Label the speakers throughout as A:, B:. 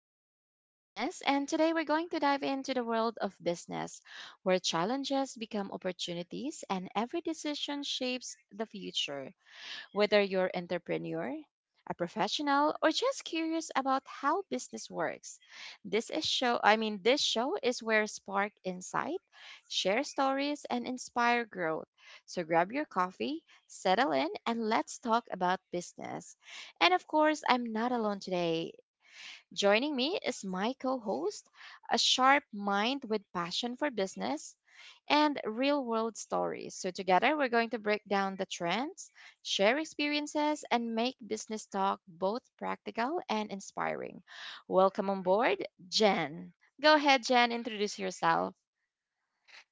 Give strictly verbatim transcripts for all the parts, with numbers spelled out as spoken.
A: I'm your host, Janice, and today we're going to dive into the world of business, where challenges become opportunities and every decision shapes the future. Whether you're entrepreneur, a professional, or just curious about how business works, this is show I mean this show is where spark insight, share stories and inspire growth. So grab your coffee, settle in and let's talk about business. And of course, I'm not alone today. Joining me is my co host, a sharp mind with passion for business and real world stories. So, together, we're going to break down the trends, share experiences, and make business talk both practical and inspiring. Welcome on board, Jen. Go ahead, Jen, introduce yourself.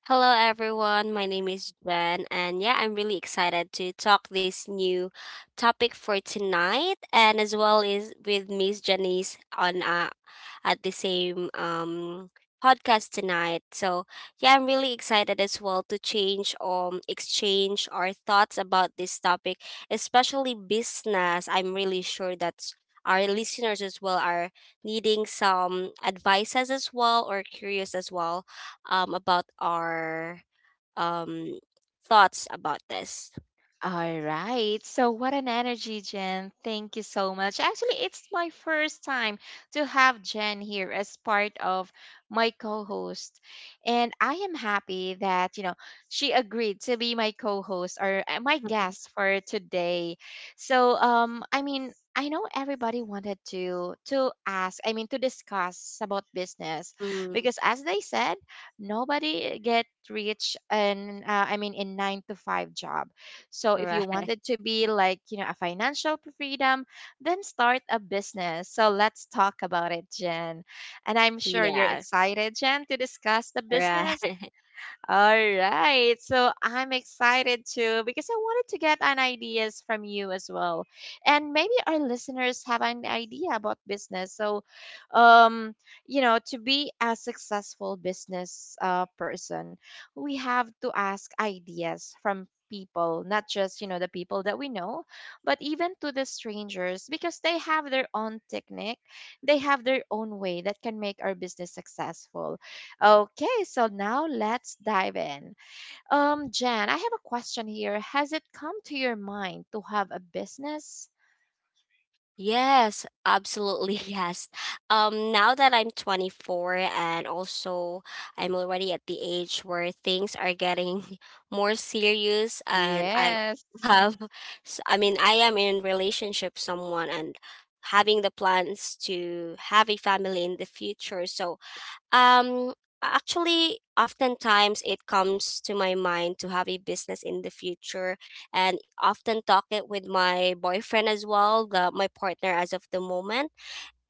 B: Hello everyone, my name is Jen, and yeah, I'm really excited to talk this new topic for tonight, and as well is with Miss Janice on uh, at the same um podcast tonight. So yeah, I'm really excited as well to change um exchange our thoughts about this topic, especially business. I'm really sure that our listeners as well are needing some advices as well or curious as well um about our um thoughts about this.
A: All right. So, what an energy, Jen. Thank you so much. Actually, it's my first time to have Jen here as part of my co host. And I am happy that, you know, she agreed to be my co host or uh, my guest for today. So, um, I mean, I know everybody wanted to to ask, I mean to discuss about business
B: Mm,
A: because as they said, nobody get rich in, uh, I mean in nine to five job, so if you
B: right.
A: wanted to be like, you know, a financial freedom, then start a business. So let's talk about it, Jen. And I'm sure you're
B: Yeah.
A: excited, Jen, to discuss the business.
B: Right.
A: All right. So I'm excited too because I wanted to get an ideas from you as well. And maybe our listeners have an idea about business. So um you know, to be a successful business uh, person, we have to ask ideas from people, not just, you know, the people that we know, but even to the strangers because they have their own technique, they have their own way that can make our business successful. Okay, so now let's dive in. Um, Jan, I have a question here. Has it come to your mind to have a business?
B: Yes, absolutely. Yes. Um, now that I'm twenty-four, and also I'm already at the age where things are getting more serious, and I
A: Yes.
B: have, s- I mean, I am in relationship someone and having the plans to have a family in the future. So, Um, actually, oftentimes it comes to my mind to have a business in the future, and often talk it with my boyfriend as well, the, my partner as of the moment.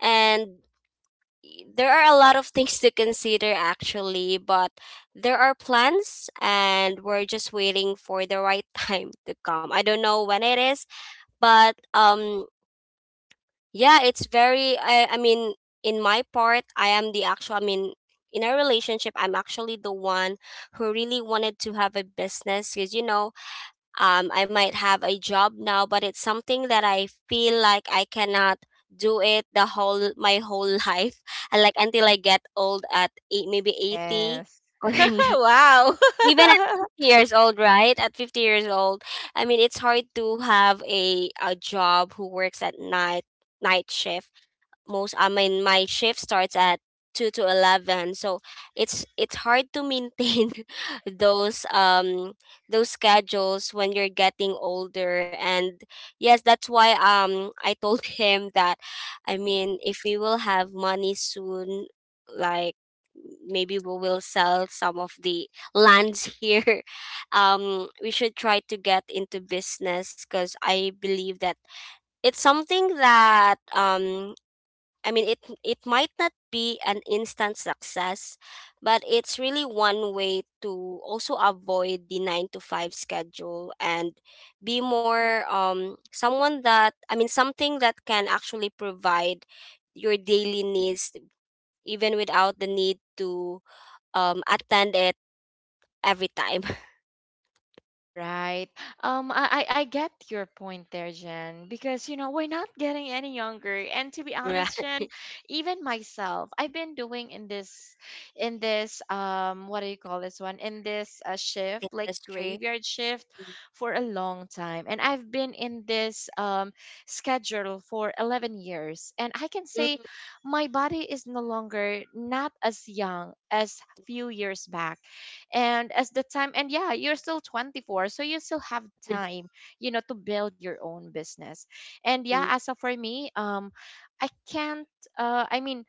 B: And y- there are a lot of things to consider actually, but there are plans, and we're just waiting for the right time to come. I don't know when it is, but um, yeah, it's very I I mean, in my part, I am the actual I mean, in our relationship, I'm actually the one who really wanted to have a business, because you know um I might have a job now, but it's something that I feel like I cannot do it the whole my whole life. And, like, until I get old at eight, maybe eighty,
A: Yes.
B: or
A: wow.
B: even at fifty years old, right, at fifty years old. I mean, it's hard to have a a job who works at night, night shift. Most I mean, my shift starts at two to eleven, so it's it's hard to maintain those um those schedules when you're getting older. And yes, that's why um I told him that, I mean, if we will have money soon, like maybe we will sell some of the lands here, um we should try to get into business, because I believe that it's something that, um I mean, it it might not be an instant success, but it's really one way to also avoid the nine to five schedule and be more um someone that, I mean, something that can actually provide your daily needs even without the need to um attend it every time.
A: Right. Um, I, I I get your point there, Jen, because you know, we're not getting any younger. And to be honest,
B: Right.
A: Jen, even myself, I've been doing in this in this um what do you call this one? In this uh, shift, like
B: Industry.
A: graveyard shift for a long time. And I've been in this um schedule for eleven years. And I can
B: Mm.
A: say my body is no longer not as young as few years back, and as the time. And yeah, you're still twenty-four, so you still have
B: Mm,
A: time, you know, to build your own business. And yeah,
B: mm,
A: as of for me, um I can't uh I mean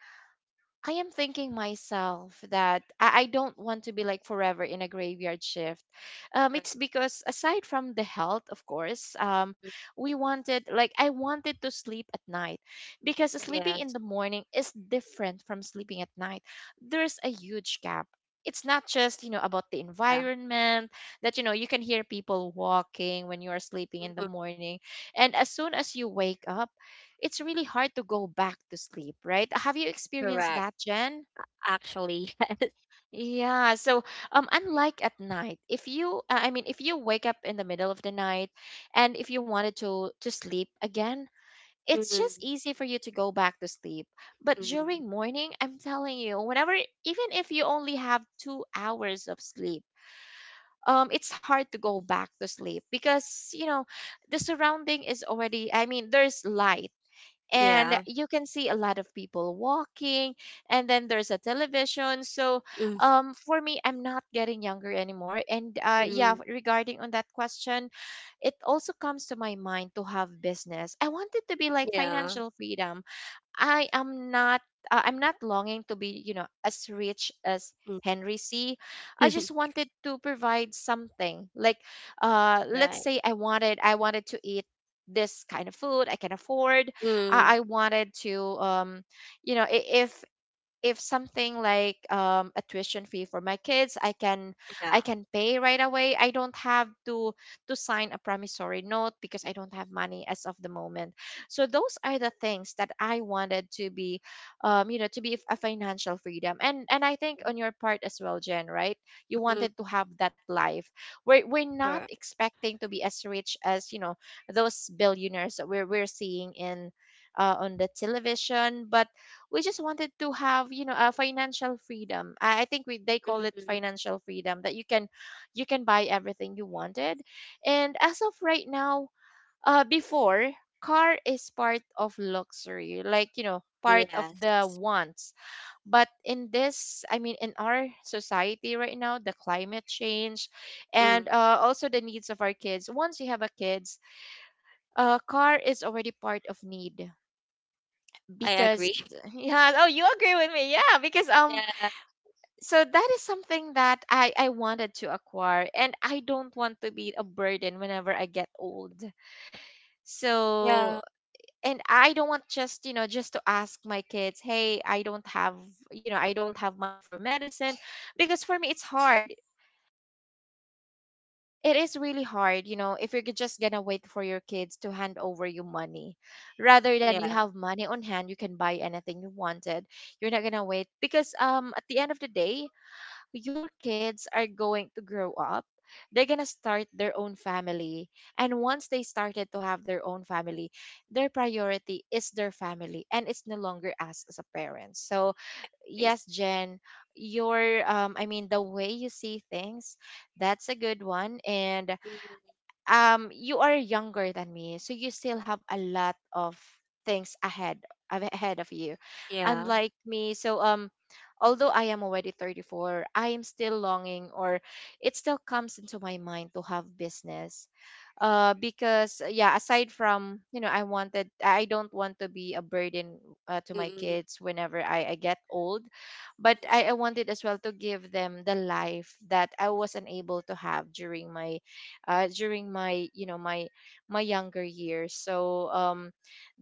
A: I am thinking myself that I, I don't want to be like forever in a graveyard shift. Um, it's because aside from the health, of course, um, we wanted like I wanted to sleep at night because sleeping in
B: yes.
A: the morning is different from sleeping at night. There's a huge gap. It's not just, you know, about the
B: Yeah.
A: environment that, you know, you can hear people walking when you are sleeping in
B: Mhm.
A: the morning. And as soon as you wake up, it's really hard to go back to sleep, right? Have you experienced
B: Correct.
A: that, Jen?
B: Actually.
A: Yeah, so um unlike at night, if you uh, I mean if you wake up in the middle of the night and if you wanted to to sleep again, it's just
B: Mhm,
A: easy for you to go back to sleep. But
B: mm.
A: during morning, I'm telling you, whenever even if you only have two hours of sleep, um it's hard to go back to sleep because, you know, the surrounding is already I mean, there's light and
B: Yeah.
A: you can see a lot of people walking, and then there's a television. So
B: Mm,
A: um for me, I'm not getting younger anymore. And uh yeah,
B: mm,
A: regarding on that question, it also comes to my mind to have business. I wanted to be like
B: yeah.
A: financial freedom. I am not uh, I'm not longing to be, you know, as rich as
B: Mm.
A: Henry C. I just wanted to provide something. Like, uh let's
B: Right.
A: say I wanted I wanted to eat this kind of food I can afford.
B: Mm,
A: I, I wanted to um you know, i- if if something like um, a tuition fee for my kids, I can I
B: yeah.
A: can pay right away. I don't have to to sign a promissory note because I don't have money as of the moment. So those are the things that I wanted to be, um, you know, to be a financial freedom. and and I think on your part as well, Jen, right? You
B: Mm,
A: wanted to have that life. We're, we're not
B: correct.
A: expecting to be as rich as you know those billionaires that we're, we're seeing in uh, on the television. But we just wanted to have you know a financial freedom. I, I think we they call it
B: Mm,
A: financial freedom, that you can you can buy everything you wanted. And as of right now, uh before, car is part of luxury, like you know, part of the
B: yes.
A: wants. But in this I mean in our society right now, the climate change,
B: Mm,
A: and uh, also the needs of our kids once you have a kids, uh, car is already part of need.
B: I
A: Because
B: agree.
A: yeah, oh, you agree with me. Yeah, because um so that is something that i i wanted to acquire, and I don't want to be a burden whenever I get old.
B: Yeah. Yeah.
A: So and I don't want just, you know, just to ask my kids, hey, I don't have, you know, I don't have money for medicine. Because for me it's hard. It is really hard, you know, if you're g- just gonna wait for your kids to hand over you money. Rather
B: Yeah,
A: than you
B: I
A: have money on hand, you can buy anything you wanted. You're not gonna wait because um at the end of the day, your kids are going to grow up. They're gonna start their own family. And once they started to have their own family, their priority is their family and it's no longer us as a parent. So
B: agree.
A: yes, Jen, your um I mean the way you see things, that's a good one. And
B: Mm,
A: um you are younger than me, so you still have a lot of things ahead, av- ahead of you,
B: yeah.
A: unlike me. So um although I am already thirty-four, I am still longing, or it still comes into my mind to have business. uh because uh, yeah, aside from you know I wanted, I don't want to be a burden uh, to
B: Mm,
A: my
B: mm,
A: kids whenever I, I get old. But
B: mm,
A: I, I wanted as well to give them the life that I was unable to have during my uh, during my, you know, my my younger years. So um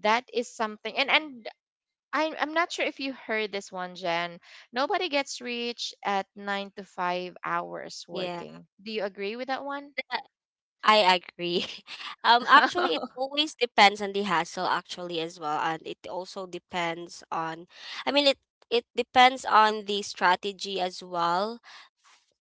A: that is something. and and I, am i'm not sure if you heard this one, Jen. Nobody gets rich at nine to five hours
B: yeah.
A: working. Do you agree with that one?
B: I agree. Um, actually, it always depends on the hassle, actually, as well, and it also depends on. I mean, it it depends on the strategy as well,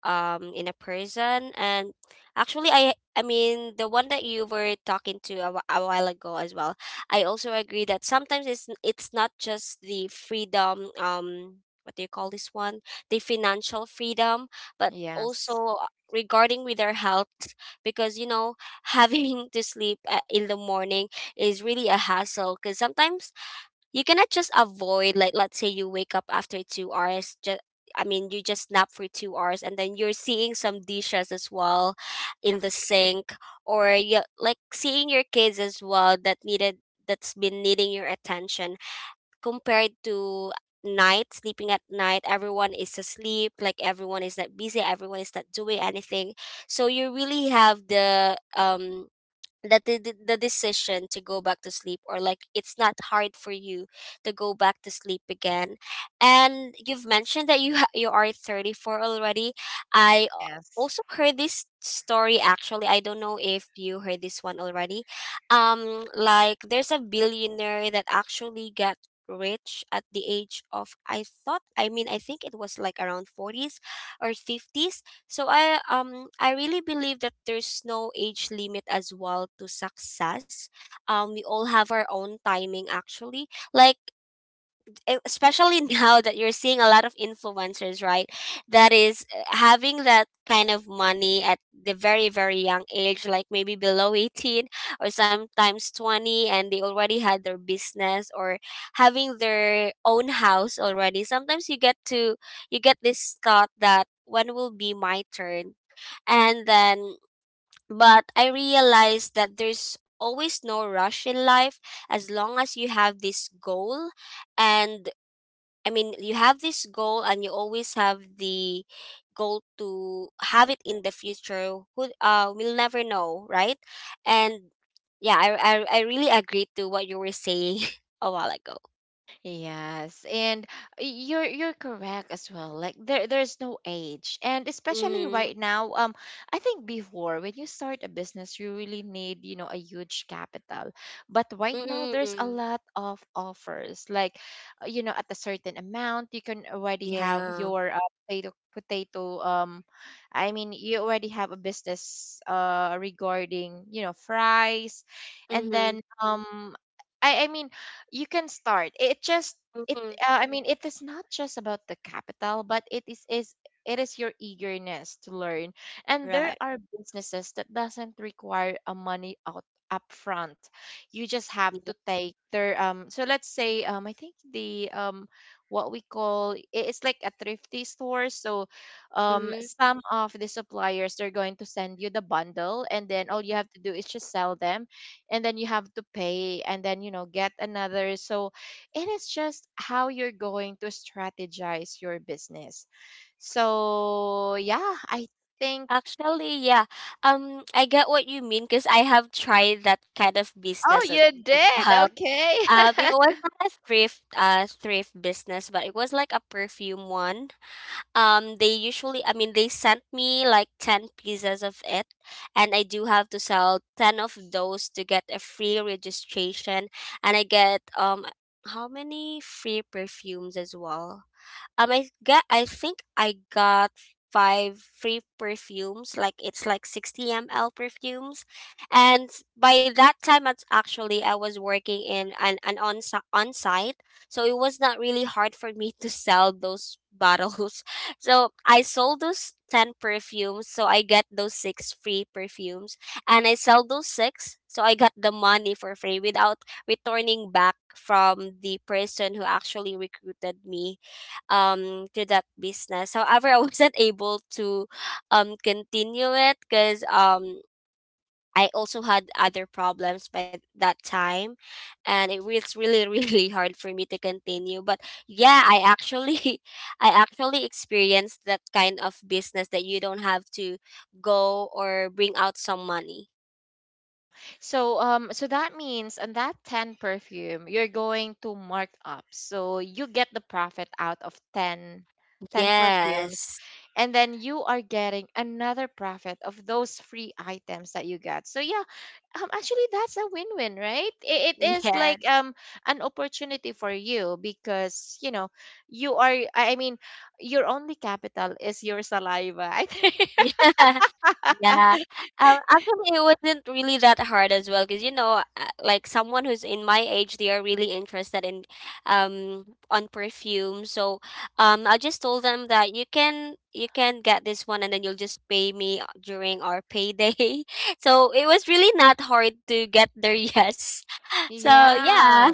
B: um, in a person. And actually, I I mean, the one that you were talking to a, wh- a while ago as well. I also agree that sometimes it's it's not just the freedom. Um, what do you call this one? The financial freedom, but
A: yes.
B: also regarding with our health, because you know having to sleep uh, in the morning is really a hassle, because sometimes you cannot just avoid. Like, let's say you wake up after two hours, just, I mean, you just nap for two hours and then you're seeing some dishes as well in the sink, or you like seeing your kids as well that needed, that's been needing your attention, compared to night. Sleeping at night, everyone is asleep, like everyone is not busy, everyone is not doing anything, so you really have the um that the, the the decision to go back to sleep, or, like, it's not hard for you to go back to sleep again. And you've mentioned that you ha- you are thirty-four already. I a-
A: Yes.
B: also heard this story, actually. I don't know if you heard this one already, um like there's a billionaire that actually got rich at the age of, i thought I mean, I think it was like around forties or fifties. So I um I really believe that there's no age limit as well to success. Um we all have our own timing, actually. Like, e- especially now that you're seeing a lot of influencers, right? That is, uh, having that kind of money at the very very young age, like maybe below eighteen or sometimes twenty, and they already had their business or having their own house already. Sometimes you get to you get this thought that when will be my turn. And then, but I realized that there's always no rush in life as long as you have this goal. And, I mean, you have this goal and you always have the goal to have it in the future. Who, uh, we'll never know, right? And yeah, I, I, I really agree to what you were saying a while ago.
A: Yes, and you're you're correct as well. Like there there's no age, and especially right
B: Mm,
A: now, um, I think before when you start a business, you really need you know a huge capital, but right
B: mm,
A: now
B: mm,
A: there's a
B: mm.
A: lot of offers. Like, uh, you know, at a certain amount, you can already have
B: Yeah.
A: your uh, potato potato. Um, I mean, you already have a business uh regarding you know fries, and
B: Mm-hmm.
A: then um. I, I mean you can start. It just it
B: Mm-hmm.
A: uh, I mean it is not just about the capital, but it is is it is your eagerness to learn. And there
B: Right.
A: are businesses that doesn't require a money out upfront. You just have
B: Yeah.
A: to take their um so let's say um I think the um what we call I- it's like a thrifty store. So um
B: Mm-hmm.
A: some of the suppliers, they're going to send you the bundle, and then all you have to do is just sell them. And then you have to pay, and then you know get another. So it is just how you're going to strategize your business. So yeah, I think.
B: Actually, yeah. Um, I get what you mean, because I have tried that kind of business
A: Oh,
B: as,
A: you
B: as
A: did?
B: well.
A: Okay.
B: Um, it was not a thrift, uh, thrift business, but it was like a perfume one. Um, they usually, I mean, they sent me like ten pieces of it, and I do have to sell ten of those to get a free registration, and I get, um, how many free perfumes as well? Um, I get. I think I got five free perfumes. Like, it's like sixty ml perfumes, and by that time, it's actually I was working in an an on on site, so it was not really hard for me to sell those bottles. So I sold those ten perfumes, so I get those six free perfumes, and I sell those six, so I got the money for free without returning back from the person who actually recruited me um to that business. However, I wasn't able to um continue it, because um I also had other problems by that time, and it was really really hard for me to continue. But yeah, I actually I actually experienced that kind of business that you don't have to go or bring out some money.
A: Uh, so um so that means on that ten perfume you're going to mark up, so you get the profit out of ten, ten perfumes.
B: Yes.
A: And then you are getting another profit of those free items that you got. So yeah, um actually that's a win-win, right? It, it is
B: Yes.
A: like um an opportunity for you, because you know you are I I mean your only capital is your saliva, I think.
B: Yeah. Yeah. Um, actually, it wasn't really that hard as well, because, you know, uh, like someone who's in my age, they are really interested in, um, on perfume. So, um, I just told them that you can you can get this one, and then you'll just pay me uh, during our payday. So it was really not hard to get their yes. So
A: yeah.
B: yeah.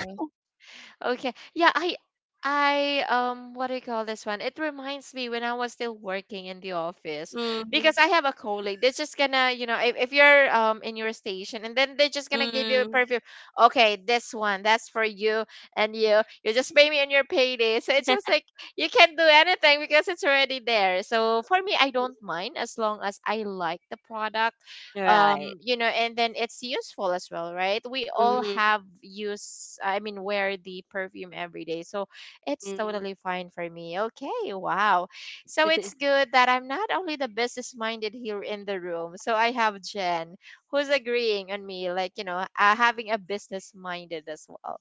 A: Okay. Yeah, I I um what do you call this one? It reminds me when I was still working in the office
B: Mm-hmm.
A: because I have a colleague. They're just gonna, you know, if, if you're um in your station, and then they're just gonna give you a
B: Mm-hmm.
A: perfume. Okay, this one, that's for you and you. You just pay me on your payday. So it's just like you can't do anything because it's already there. So for me, I don't mind as long as I like the product,
B: Right.
A: um you know and then it's useful as well, right? We all
B: Mm-hmm.
A: have use I mean wear the perfume every day, so it's totally fine for me. Okay, wow. So it's good that I'm not only the business minded here in the room, so I have Jen, who's agreeing on me, like, you know, uh, having a business minded as well.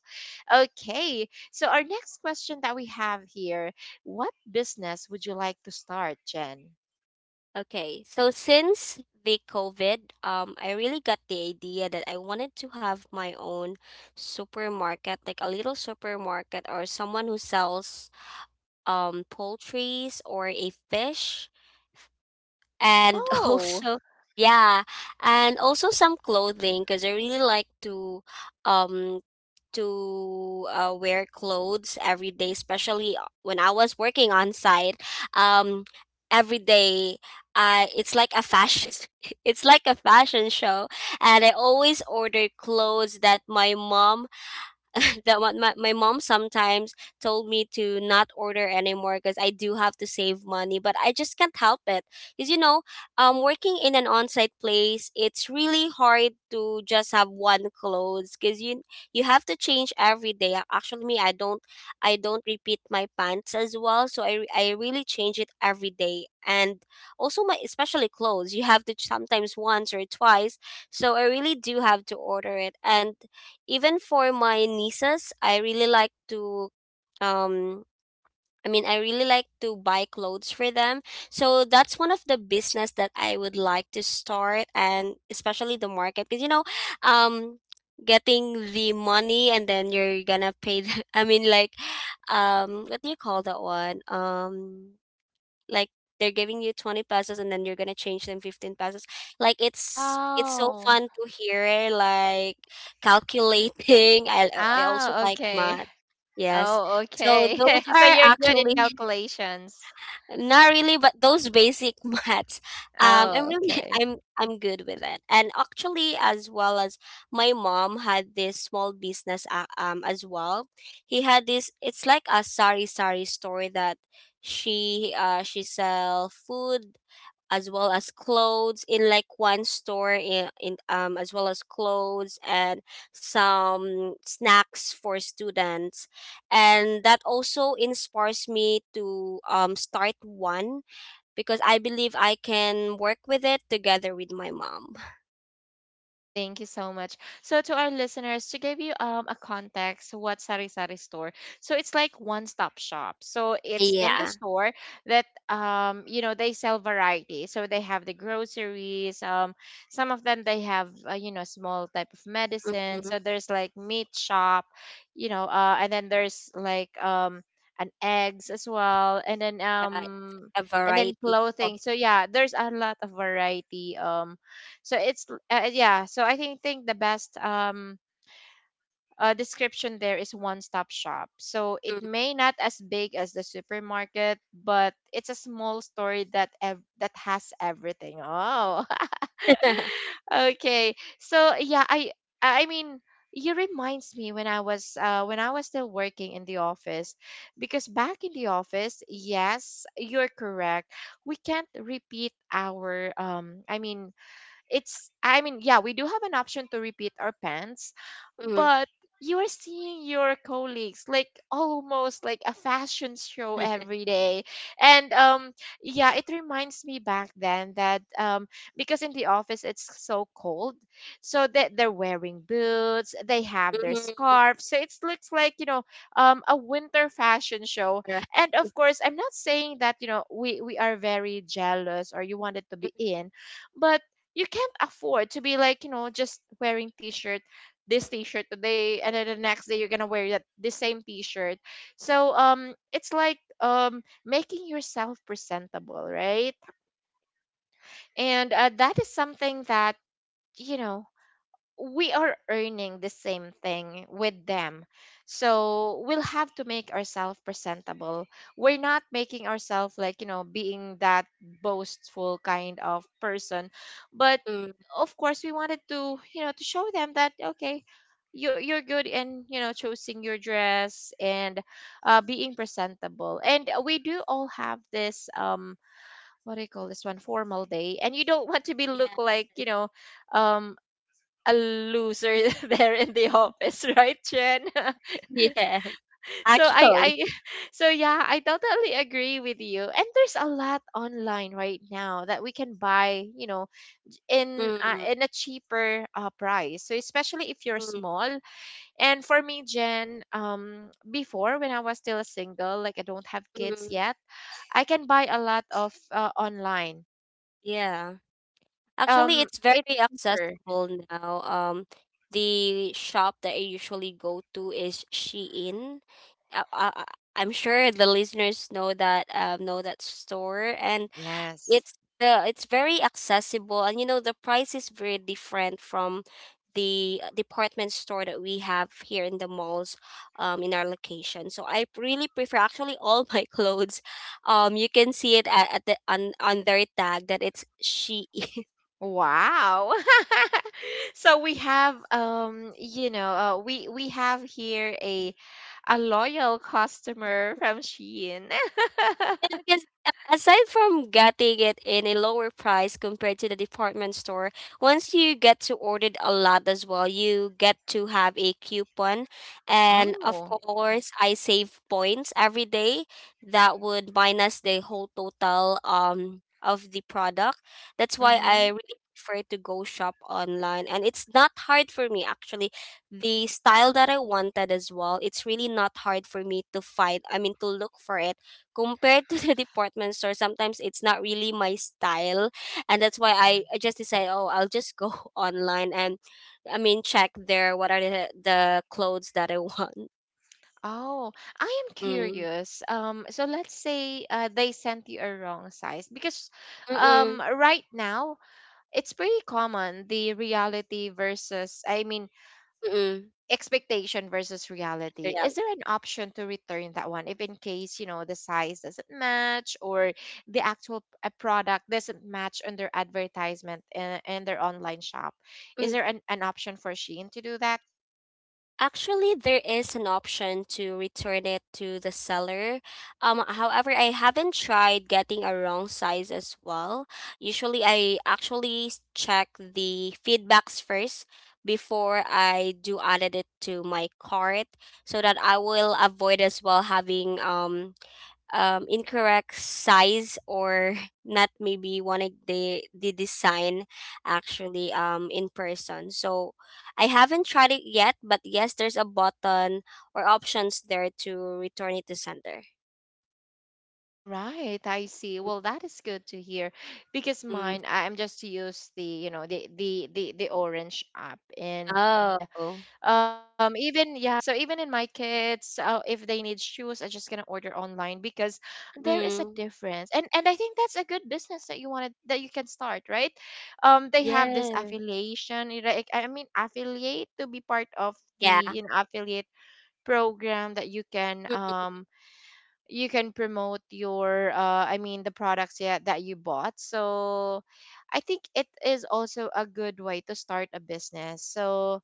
A: Okay, so our next question that we have here, what business would you like to start, Jen?
B: Okay, so since the COVID, um, I really got the idea that I wanted to have my own supermarket, like a little supermarket, or someone who sells um poultries or a fish, and
A: Oh,
B: also, yeah, and also some clothing, because I really like to um to uh, wear clothes every day, especially uh, when I was working on site. Um, every day, uh, it's like a fashion, it's like a fashion show, and I always order clothes that my mom that what my, my mom sometimes told me to not order anymore, because I do have to save money, but I just can't help it. Because, you know, um, working in an on site place, it's really hard to just have one clothes, because you, you have to change every day. Ac- Actually, me, I don't, I don't repeat my pants as well. So, I, re- I really change it every day. And also my, especially clothes, you have to ch- sometimes once or twice. So I really do have to order it. And even for my nieces, I really like to, um I mean, I really like to buy clothes for them. So that's one of the business that I would like to start, and especially the market, because you know um getting the money, and then you're gonna pay the, I mean, like, um what do you call that one? Um like they're giving you twenty pesos and then you're gonna change them fifteen pesos. Like, it's it's so
A: oh.
B: fun to hear, like, calculating. i, I also
A: Ah,
B: like
A: okay.
B: math, yes.
A: Oh,
B: So
A: okay.
B: those
A: So
B: are
A: you're good in
B: actually.
A: calculations.
B: Not really, but those basic maths, um, I'm
A: Oh,
B: really
A: okay.
B: I'm I'm good with it. And actually, as well as my mom had this small business, uh, um, as well. He had this. It's like a sari sari store that she uh she sell food as well as clothes in, like, one store in, in um as well as clothes and some snacks for students, and that also inspires me to um start one, because I believe I can work with it together with my mom.
A: Thank you so much. So to our listeners, to give you um a context, what Sari Sari store? So it's like one stop shop. So it's in the
B: Yeah.
A: store that, um you know, they sell variety. So they have the groceries. Um, some of them they have, uh, you know, small type of medicine.
B: Hmm.
A: So there's like meat shop, you know, uh, and then there's like um an eggs as well, and then
B: Yeah, it's
A: um
B: a
A: and then
B: variety of.
A: clothing. So yeah, there's a lot of variety. Um so it's, uh, yeah. So I think think the best, um uh, description there is one stop shop. So it
B: Mhm.
A: may not as big as the supermarket, but it's a small store that ev- that has everything. Oh, okay. So yeah, I I mean. You reminds me when I was uh, when I was still working in the office, because back in the office, yes, you're correct. We can't repeat our um. I mean, it's i mean yeah, we do have an option to repeat our pants, but you are seeing your colleagues like almost like a fashion show every day. And um yeah, it reminds me back then that, um because in the office it's so cold, so that they're wearing boots, they have
B: Mhm.
A: their
B: Right. Mhm.
A: scarves, so it looks like, you know, um a winter fashion show. And of course, I'm not saying that, you know, we we are very jealous or you wanted to be in, but you can't afford to be like, you know, just wearing t-shirt, this t-shirt today, and then the next day you're gonna wear that the same t-shirt. So um it's like um making yourself presentable, right? And uh, that is something that, you know, we are earning the same thing with them. So we'll have to make ourselves presentable. We're not making ourselves like, you know, being that boastful kind of person. But of course we wanted to, you know, to show them that, okay, you are you're good in, you know, choosing your dress, and uh being presentable. And we do all have this, um what do you call this one, formal day, and you don't want to be look
B: Yeah.
A: like, you know, um a loser there in the office, right, Chen?
B: Yeah.
A: so I,
B: Actually.
A: I, so yeah, I totally agree with you. And there's a lot online right now that we can buy, you know, in uh, in a cheaper uh, price. So especially if you're
B: Mm-hmm.
A: small. And for me, Jen, um, before when I was still single, like I don't have kids yet, I can buy a lot of uh, online,
B: Yeah.
A: and
B: Actually,
A: um,
B: it's
A: it's
B: very
A: cheaper.
B: accessible now. Um, the shop that I usually go to is Shein. I, I, I'm sure the listeners know that um, know that store, and
A: Yes.
B: it's the it's very accessible, and you know the price is very different from the uh, department store that we have here in the malls, um, in our location. So I really prefer actually all my clothes. um you can see it at, at the on, on their tag that it's she.
A: Wow. So we have um you know, uh, we we have here a a loyal customer from Shein.
B: And because, aside from getting it in a lower price compared to the department store, once you get to order a lot as well, you get to have a coupon. And of
A: Oh.
B: course, I save points every day. That would minus the whole total um of the product. That's why I
A: Mhm.
B: really prefer to go shop online, and it's not hard for me actually, the style that I wanted as well, it's really not hard for me to find, I mean, to look for it, compared to the department store. Sometimes it's not really my style, and that's why i, I just decide, oh, I'll just go online and, I mean, check there what are the, the clothes that I want.
A: Oh, I am
B: Mm.
A: curious. Um, so let's say uh, they sent you a wrong size, because um,
B: Mm-mm.
A: right now it's pretty common, the reality versus, I mean,
B: Mm-mm.
A: expectation versus
B: That's the
A: reality. Is
B: reality.
A: there an option to return that one if, in case, you know, the size doesn't match, or the actual p- uh, product doesn't match on their advertisement, and, and their online shop? Is there an, an option for Shein to do that?
B: Actually, there is an option to return it to the seller. Um, however, I haven't tried getting a wrong size as well. Usually, I actually s- check the feedbacks first before I do added it to my cart, so that I will avoid as well having um um, incorrect size or not maybe wanting the the design actually, um in person. So I haven't tried it yet, but yes, there's a button or options there to return it to sender.
A: All right, I see. Well, that is good to hear. Because
B: Mm.
A: mine, I'm just use, the you know, the the the, the orange app. And
B: Oh.
A: Um, even, yeah, so even in my kids, uh, if they need shoes, I just gonna order online, because there is a
B: Mm.
A: difference. And and I think that's a good business that you wanted that you can start, right? Um, they have this
B: Yeah.
A: affiliation, you know, like, I mean, affiliate to be part of the,
B: Yeah.
A: you know, affiliate program that you can um you can promote your, uh I mean the products, yeah, that you bought. So I think it is also a good way to start a business. So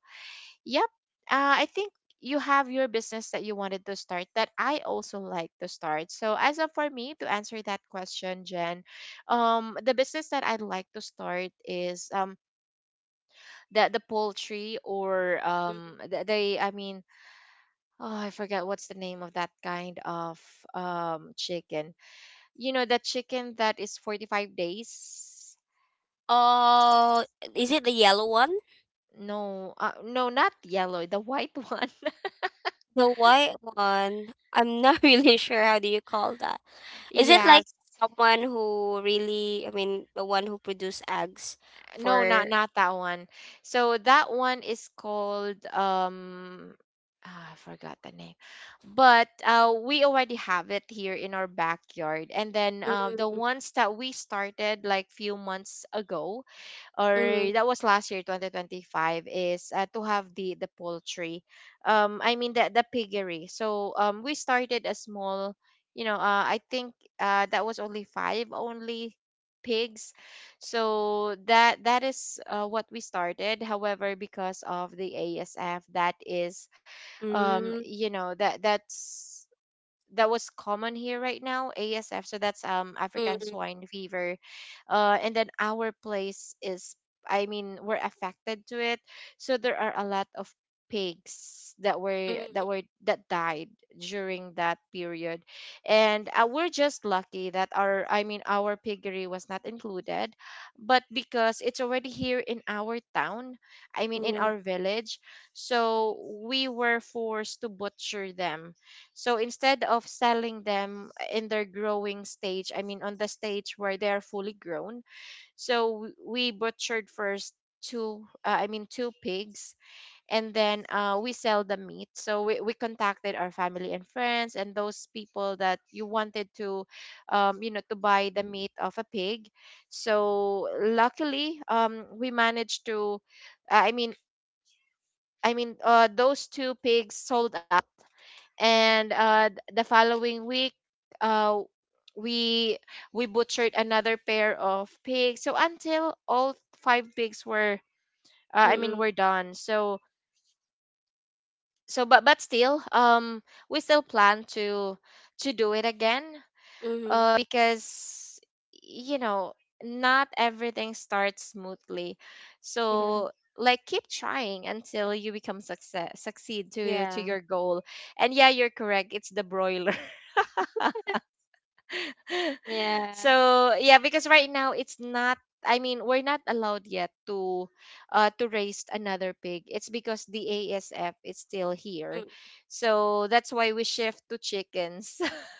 A: yep. Uh, I think you have your business that you wanted to start that I also like to start. So as of for me to answer that question, Jen, um, the business that I'd like to start is um the the poultry, or
B: Mm-mm.
A: um the, the, I mean, oh, I forget what's the name of that kind of um chicken. You know, that chicken that is forty-five days.
B: Oh, is it the yellow one?
A: No, uh, no, not yellow, the white one.
B: The white one, I'm not really sure how do you call that. Is it
A: Yeah,
B: like someone who really, I mean, the one who produce eggs
A: no not
B: for.
A: not that one. So that one is called, um ah, I forgot the name. But uh, we already have it here in our backyard. And then uh, the
B: Mm.
A: ones that we started like few months ago,
B: Mm.
A: or that was last year, twenty twenty-five, is uh, to have the the poultry, um I mean the the piggery. So um we started a small, you know, uh, I think, uh that was only five only pigs. So that that is, uh, what we started. However, because of the ASF that is, um
B: Mm.
A: you know, that that's that was common here right now, ASF, so that's um African
B: Mm.
A: swine fever. uh and then, our place is, I mean, we're affected to it. So there are a lot of pigs that were
B: Mm.
A: that were that died during that period. And uh, we're just lucky that our, I mean, our piggery was not included. But because it's already here in our town, I mean,
B: Mm.
A: in
B: Yeah.
A: our village. So we were forced to butcher them. So instead of selling them in their growing stage, I mean, on the stage where they're fully grown, so w- we butchered first two, uh, I mean, two pigs, and then uh, we sell the meat. So we, we contacted our family and friends and those people that you wanted to, um, you know, to buy the meat of a pig. So luckily, um, we managed to, uh, I mean, I mean, uh, those two pigs sold out. And uh, th- the following week, uh, we we butchered another pair of pigs, so until all five pigs were, uh, I mean,
B: Mm.
A: were done. So, so but but still, um we still plan to to do it again.
B: Mm. Mhm.
A: Because, you know, not everything starts smoothly. So like, keep trying until you become success, succeed to to
B: Yeah.
A: your goal. And yeah, you're correct, it's the broiler.
B: Yeah.
A: So yeah, because right now it's not. I mean, we're not allowed yet to uh, to raise another pig. It's because the A S F is still here,
B: Mm.
A: so that's why we shift to chickens.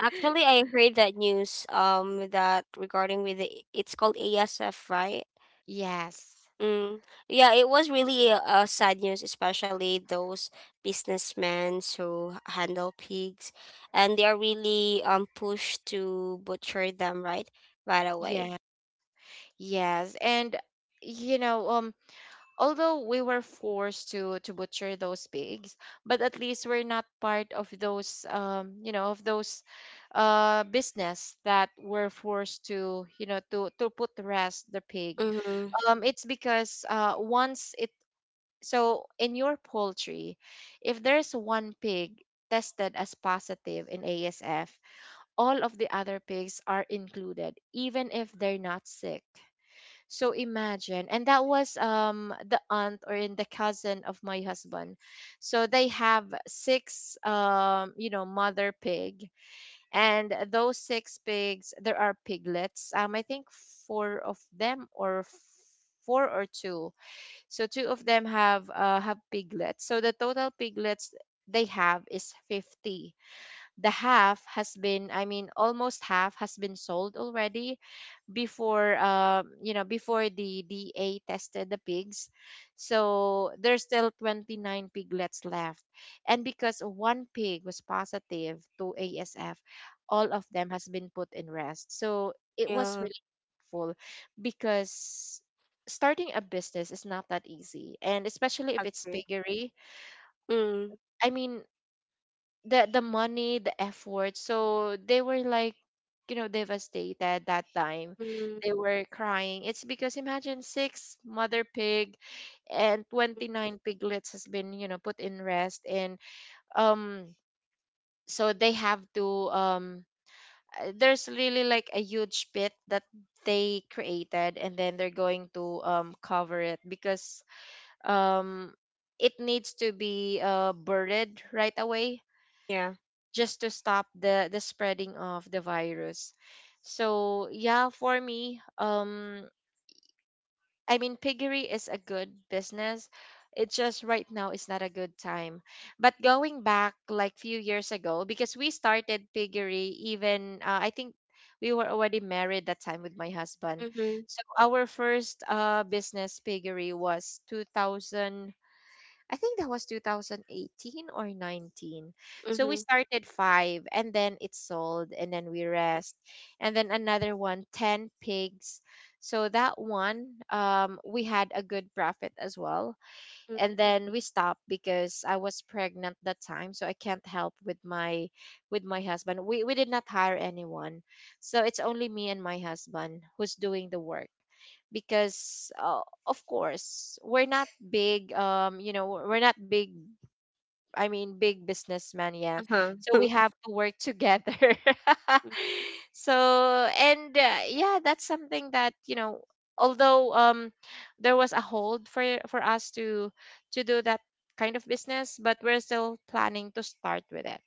B: Actually, I heard that news um that regarding with the, it's called A S F, right?
A: yes,
B: Mm. Yeah, it was really uh, sad news, especially those businessmen who handle pigs, and they are really um pushed to butcher them right right
A: yeah,
B: away.
A: yes, and you know, um, although we were forced to to butcher those pigs, but at least we're not part of those, um, you know, of those, uh business that were forced to, you know, to to put to rest the pig.
B: Mm-hmm.
A: Um, it's because, uh, once it, so in your poultry, if there's one pig tested as positive in A S F, all of the other pigs are included, even if they're not sick. So imagine, and that was, um the aunt or in the cousin of my husband. So they have six, um you know, mother pig, and those six pigs there are piglets. Um, I think four of them, or four or two, so two of them have uh, have piglets. So the total piglets they have is fifty. The half has been, I mean, almost half has been sold already before, um you know, before the D A tested the pigs. So there's still twenty-nine piglets left. And because one pig was positive to A S F, all of them has been put in rest. So it was
B: Yeah,
A: really helpful. Because starting a business is not that easy, and especially if it's
B: agree.
A: piggery.
B: Mm.
A: I mean, the the money, the effort. So they were like, you know, devastated that time.
B: Mm.
A: They were crying. It's because imagine six mother pig, and
B: Mm.
A: twenty-nine piglets has been, you know, put in rest. And um so they have to, um uh, there's really like a huge pit that they created. And then they're going to um cover it, because um it needs to be uh buried right away,
B: Yeah.
A: just to stop the the spreading of the virus. So yeah, for me, um, I mean, piggery is a good business. It's just right now is not a good time. But going back like few years ago, because we started piggery even uh, I think we were already married that time with my husband.
B: Mm-hmm.
A: So our first uh business piggery was two thousand. I think that was twenty eighteen or nineteen. So
B: Mm-hmm.
A: we started five and then it's sold and then we rest. And then another one, ten pigs. So that one, um, we had a good profit as well.
B: Mm.
A: And then we stopped because I was pregnant that time. So I can't help with my with my husband. We, we did not hire anyone. So it's only me and my husband who's doing the work because uh, of course we're not big um you know we're we're not big, I mean, big businessmen yet,
B: Uh-huh.
A: so we have to work together so and uh, yeah, that's something that you know although um there was a hold for for us to to do that kind of business, but we're still planning to start with it.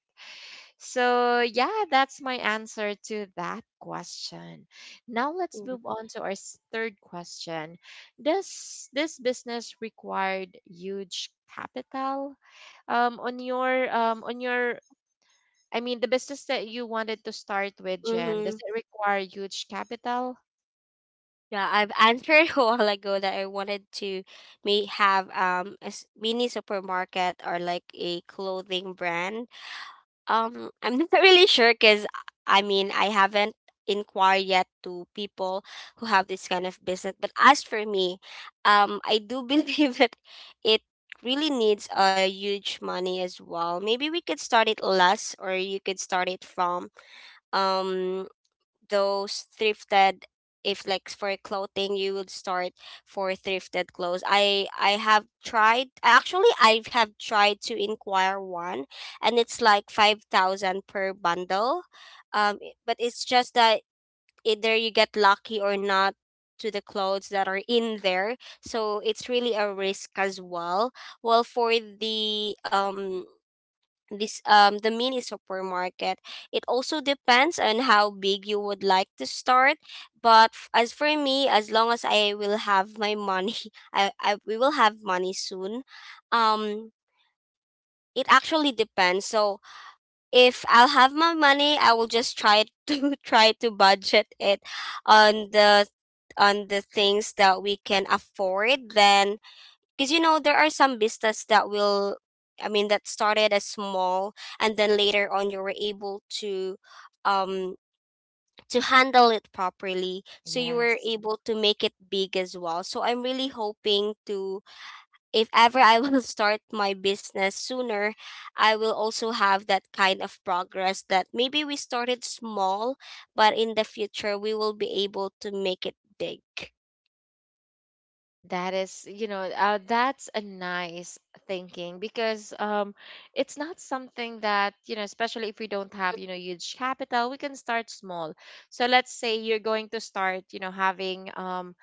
A: So, yeah, that's my answer to that question. Now let's move on to our s- third question. Does this business required huge capital? Um, on your um, on your I mean the business that you wanted to start with, Jen, does
B: Mm-hmm.
A: it require huge capital?
B: Yeah, I've answered a while ago that I wanted to may have um a s- mini supermarket or like a clothing brand. Um, I'm not really sure because, I mean, I haven't inquired yet to people who have this kind of business. But as for me, um, I do believe that it really needs a huge money as well. Maybe we could start it less, or you could start it from um those thrifted, if like for clothing, you would start for thrifted clothes. I i have tried actually, I have tried to inquire one, and it's like five thousand per bundle. Um i- but it's just that either you get lucky or not to the clothes that are in there, so it's really a risk as well. Well, for the um this um the mini supermarket, it also depends on how big you would like to start, but f- as for me, as long as I will have my money, I, I we will have money soon. um it actually depends. So if I'll have my money, I will just try to try to budget it on the on the things that we can afford, then, because, you know, there are some business that, will I mean that started as small, and then later on you were able to um to handle it properly, so you were
A: Yes.
B: able to make it big as well. So I'm really hoping to, if ever I will start my business sooner, I will also have that kind of progress that maybe we started small but in the future we will be able to make it big.
A: That is, you know, uh, that's a nice thinking because um, it's not something that, you know, especially if we don't have, you know, huge capital, we can start small. So let's say you're going to start, you know, having um,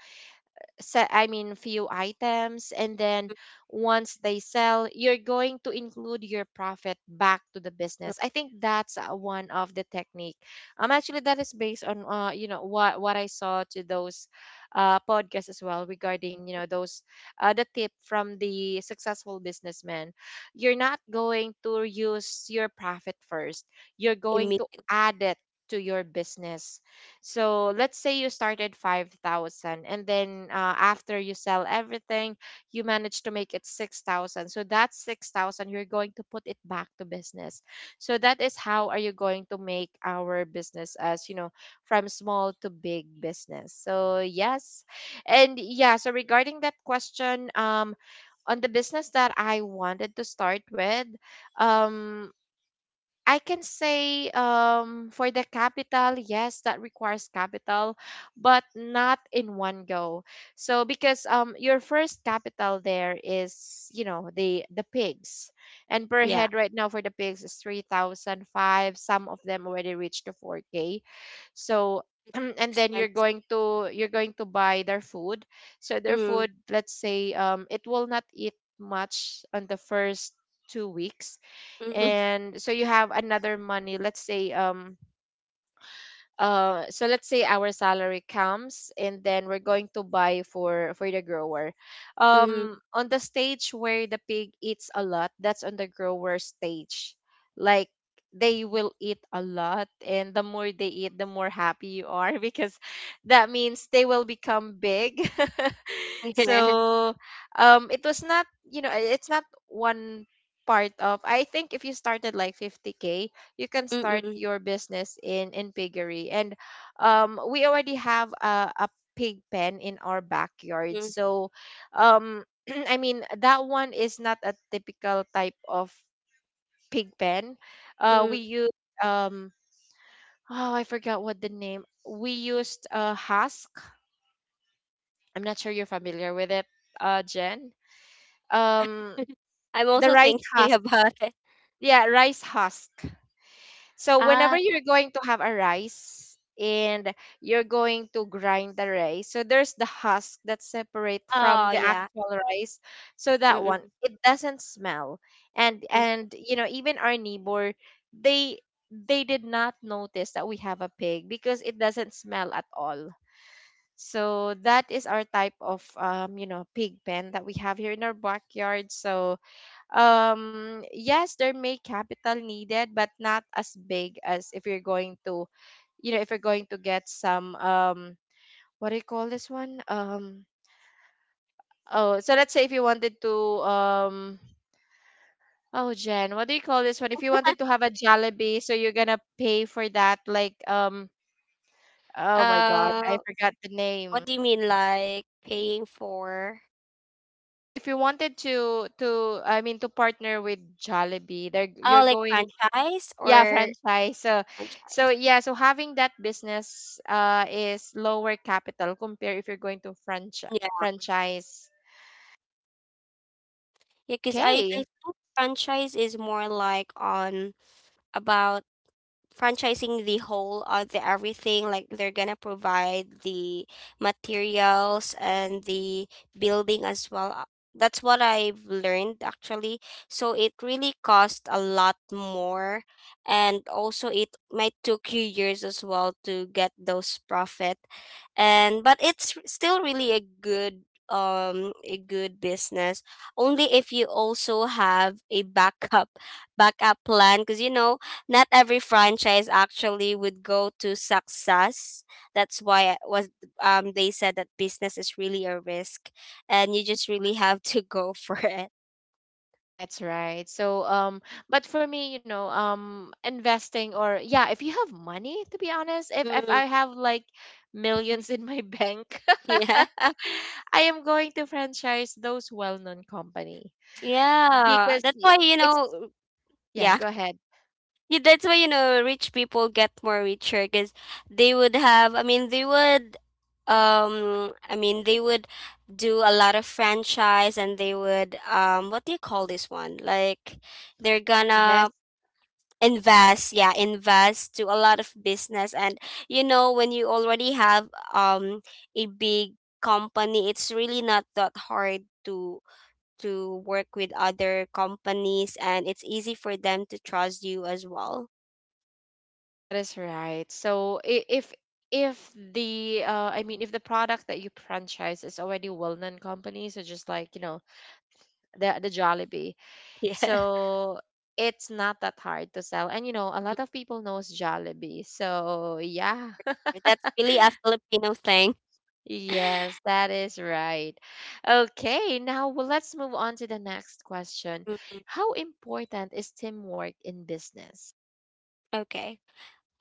A: set I mean few items, and then once they sell, you're going to include your profit back to the business. I think that's uh, one of the technique. Um actually that is based on uh you know what what I saw to those uh podcasts as well, regarding you know those uh, the tip from the successful businessman. You're not going to use your profit first. You're going to
B: imme-
A: add it to your business. So let's say you started five thousand, and then uh, after you sell everything, you manage to make it six thousand. So that six thousand you're going to put it back to business. So that is how are you going to make our business as, you know, from small to big business. So yes. And yeah, so regarding that question, um on the business that I wanted to start with, um I can say, um, for the capital, yes, that requires capital, but not in one go. So because um, your first capital there is, you know, the the pigs, and per
B: yeah,
A: head right now for the pigs is three thousand five. Some of them already reached to four k. So
B: it's
A: and then you're
B: expensive.
A: going to you're going to buy their food. So their
B: Mm.
A: food, let's say, um, it will not eat much on the first two weeks, and so you have another money, let's say um uh, so let's say our salary comes, and then we're going to buy for for the grower, um
B: Mm.
A: on the stage where the pig eats a lot. That's on the grower stage, like, they will eat a lot, and the more they eat, the more happy you are because that means they will become big
B: Yeah.
A: so um it was not, you know it's not one part of, I think, if you started like fifty k, you can start
B: Mm.
A: your business in in piggery. And um we already have a, a pig pen in our backyard.
B: Mm.
A: So um I mean, that one is not a typical type of pig pen. Uh we
B: Mm.
A: use um oh, I forgot what the name. We used uh husk. I'm not sure you're familiar with it, uh Jen. um
B: I'm
A: the
B: also
A: rice
B: thinking
A: husk.
B: about it.
A: Yeah, rice husk. So whenever
B: Ah.
A: you're going to have a rice, and you're going to grind the rice, so there's the husk that's separate from
B: Oh
A: the
B: yeah.
A: actual rice. So that one,
B: Mm.
A: it doesn't smell. And
B: Mm.
A: and you know, even our neighbor, they they did not notice that we have a pig because it doesn't smell at all. So that is our type of um, you know, pig pen that we have here in our backyard. So um yes, there may capital needed, but not as big as if you're going to, you know if you're going to get some, um what do you call this one, um oh, so let's say if you wanted to, um oh, Jen, what do you call this one, if you wanted to have a Jollibee, so you're gonna pay for that, like, um oh my god,
B: Uh,
A: I forgot the name.
B: what do you mean, like paying for?
A: So if you wanted to to I mean to partner with Jollibee there,
B: Oh,
A: you're
B: like
A: going.
B: franchise
A: Yeah,
B: or
A: franchise. So so
B: franchise?
A: yeah, so having that business uh is lower capital compared if you're going to franchise
B: Yeah,
A: franchise.
B: yeah. Because I
A: Okay,
B: I think franchise is more like on about franchising the whole or the everything, like they're gonna provide the materials and the building as well. Uh, that's what I've learned actually, so it really cost a lot more, and also it might took you years as well to get those profit. And but it's r- still really a good, um a good business, only if you also have a backup backup plan, because, you know, not every franchise actually would go to success. That's why I was um they said that business is really a risk, and you just really have to go for it.
A: that's right, so um but for me, you know um investing, or yeah, if you have money, to be honest, if if
B: Mm.
A: I have like millions in my bank
B: Yeah.
A: I am going to franchise those well-known company
B: Yeah,
A: because
B: that's
A: y-
B: why, you
A: it's,
B: know,
A: yeah,
B: yeah,
A: go ahead,
B: Y- that's why you know rich people get more richer because they would have. I mean, they would. Um, I mean, they would do a lot of franchise, and they would. Um, what do you call this one? Like, they're gonna
A: invest.
B: invest. Yeah, invest to a lot of business. And you know, when you already have um a big company, it's really not that hard to to work with other companies, and it's easy for them to trust you as well.
A: That is right. So I- if if the uh, I mean, if the product that you franchise is already a well-known company, so, just like you know the the Jollibee,
B: Yeah,
A: so it's not that hard to sell. And you know a lot of people knows Jollibee. So yeah,
B: that's really a Filipino thing.
A: yes, that is right. Okay, now, well, let's move on to the next question.
B: Mhm.
A: How important is teamwork in business?
B: Okay.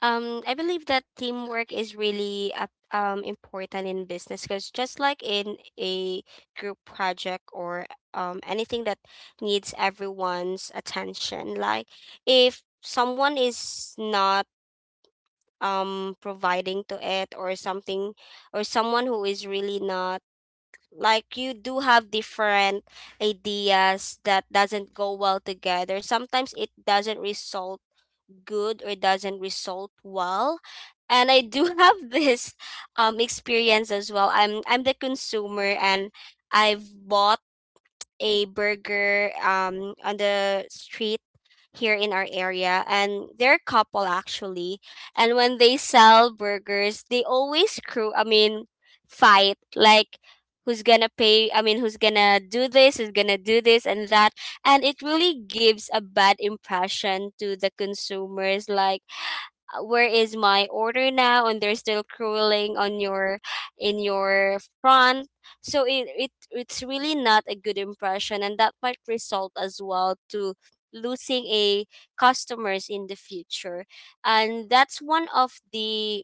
B: Um, I believe that teamwork is really uh, um important in business, because, just like in a group project or um anything that needs everyone's attention, like if someone is not um providing to it or something, or someone who is really not, like, you do have different ideas that doesn't go well together, sometimes it doesn't result good or doesn't result well. And I do have this um experience as well. I'm I'm the consumer, and I've bought a burger um on the street here in our area, and they're a couple actually, and when they sell burgers they always crew I mean fight, like who's gonna pay, I mean who's gonna do this, who's gonna do this and that, and it really gives a bad impression to the consumers, like, uh, where is my order now, and they're still crawling on your in your front. So it, it it's really not a good impression, and that might result as well to losing a customers in the future, and that's one of the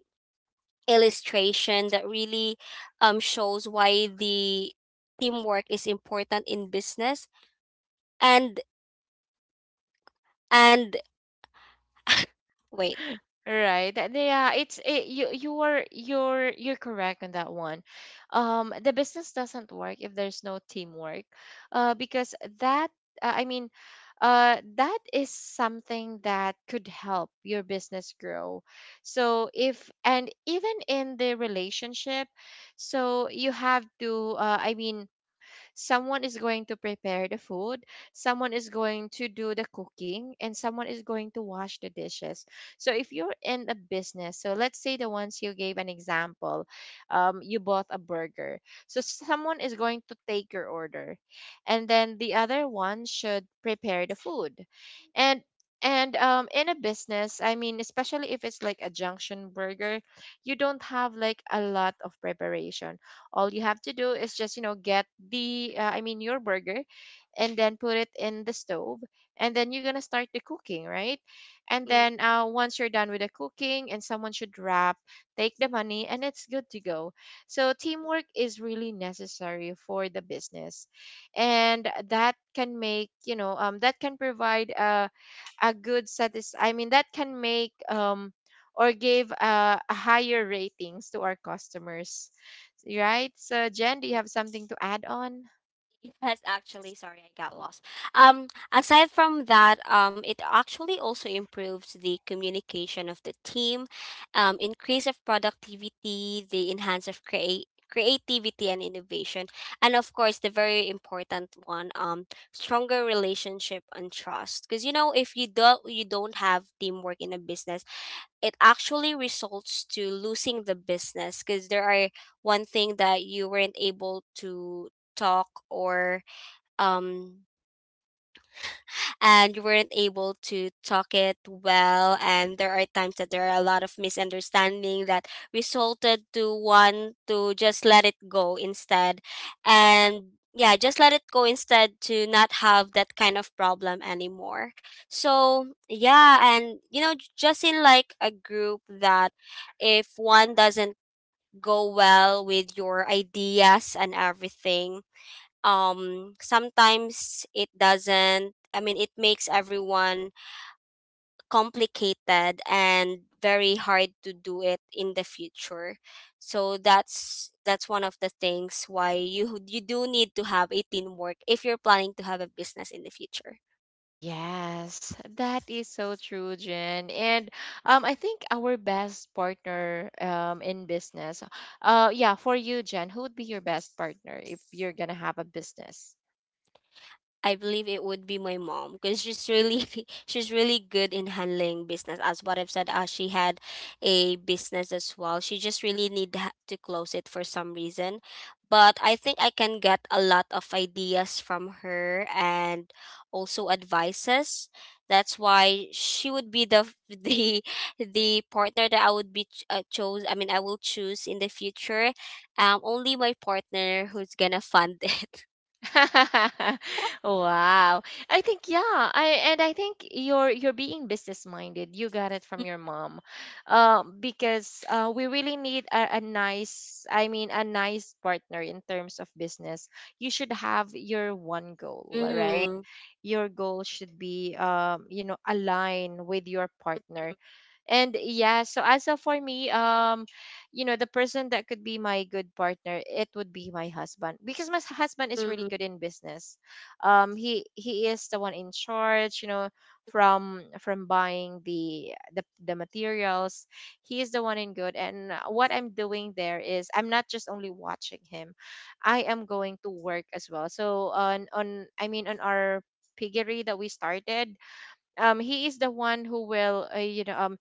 B: illustration that really um shows why the teamwork is important in business. And and wait.
A: Right, that- Yeah, it's it, you you are you're you're correct on that one. Um, the business doesn't work if there's no teamwork, uh, because that, uh, I mean, uh, that is something that could help your business grow. So if and even in the relationship, so you have to, uh, I mean, someone is going to prepare the food, someone is going to do the cooking, and someone is going to wash the dishes. So if you're in a business, so let's say the ones you gave an example, um, you bought a burger. So someone is going to take your order, and then the other one should prepare the food. And and um, in a business, I mean, especially if it's like a junction burger, you don't have like a lot of preparation. All you have to do is just, you know get the uh, I mean your burger, and then put it in the stove, and then you're gonna start the cooking, right? And
B: Mm.
A: then uh, once you're done with the cooking, and someone should wrap, take the money, and it's good to go. So teamwork is really necessary for the business, and that can make, you know um, that can provide a a good, satis I mean that can make, um or give, uh, a higher ratings to our customers. Right? So, Jen, do you have something to add on?
B: Yes, actually, sorry, I got lost. Um, aside from that, um, it actually also improves the communication of the team, um, increase of productivity, the enhance of create creativity and innovation, and of course, the very important one, um, stronger relationship and trust. Because, you know, if you don't you don't have teamwork in a business, it actually results to losing the business, because there are one thing that you weren't able to talk, or um and you weren't able to talk it well, and there are times that there are a lot of misunderstanding that resulted to one to just let it go instead, and yeah, just let it go instead, to not have that kind of problem anymore. So yeah, and you know, j- just in like a group that, if one doesn't go well with your ideas and everything, um sometimes it doesn't, I mean, it makes everyone complicated and very hard to do it in the future. So that's that's one of the things why you you do need to have a teamwork if you're planning to have a business in the future.
A: Yes, that is so true, Jen. And um, I think our best partner, um, in business, uh, yeah, for you, Jen, who would be your best partner if you're gonna have a business?
B: I believe it would be my mom, because she's really she's really good in handling business. As what I've said, uh, she had a business as well. She just really need ha- to close it for some reason. But I think I can get a lot of ideas from her, and also advices. That's why she would be the f- the the partner that I would be ch- uh, chose. I mean, I will choose in the future. Um, only my partner who's gonna fund it.
A: Wow. I think yeah. I and I think you're you're being business minded. You got it from your mom. Um because uh we really need a, a nice I mean a nice partner in terms of business. You should have your one goal, right?
B: Mm-hmm.
A: Your goal should be um you know align with your partner, and yeah, so as of for me, um, you know, the person that could be my good partner, it would be my husband because my husband is really
B: Mm.
A: good in business. Um, he he is the one in charge, you know, from from buying the the the materials. He is the one in good, and uh, what I'm doing there is I'm not just only watching him, I am going to work as well. So on on I mean on our piggery that we started, um he is the one who will, uh, you know um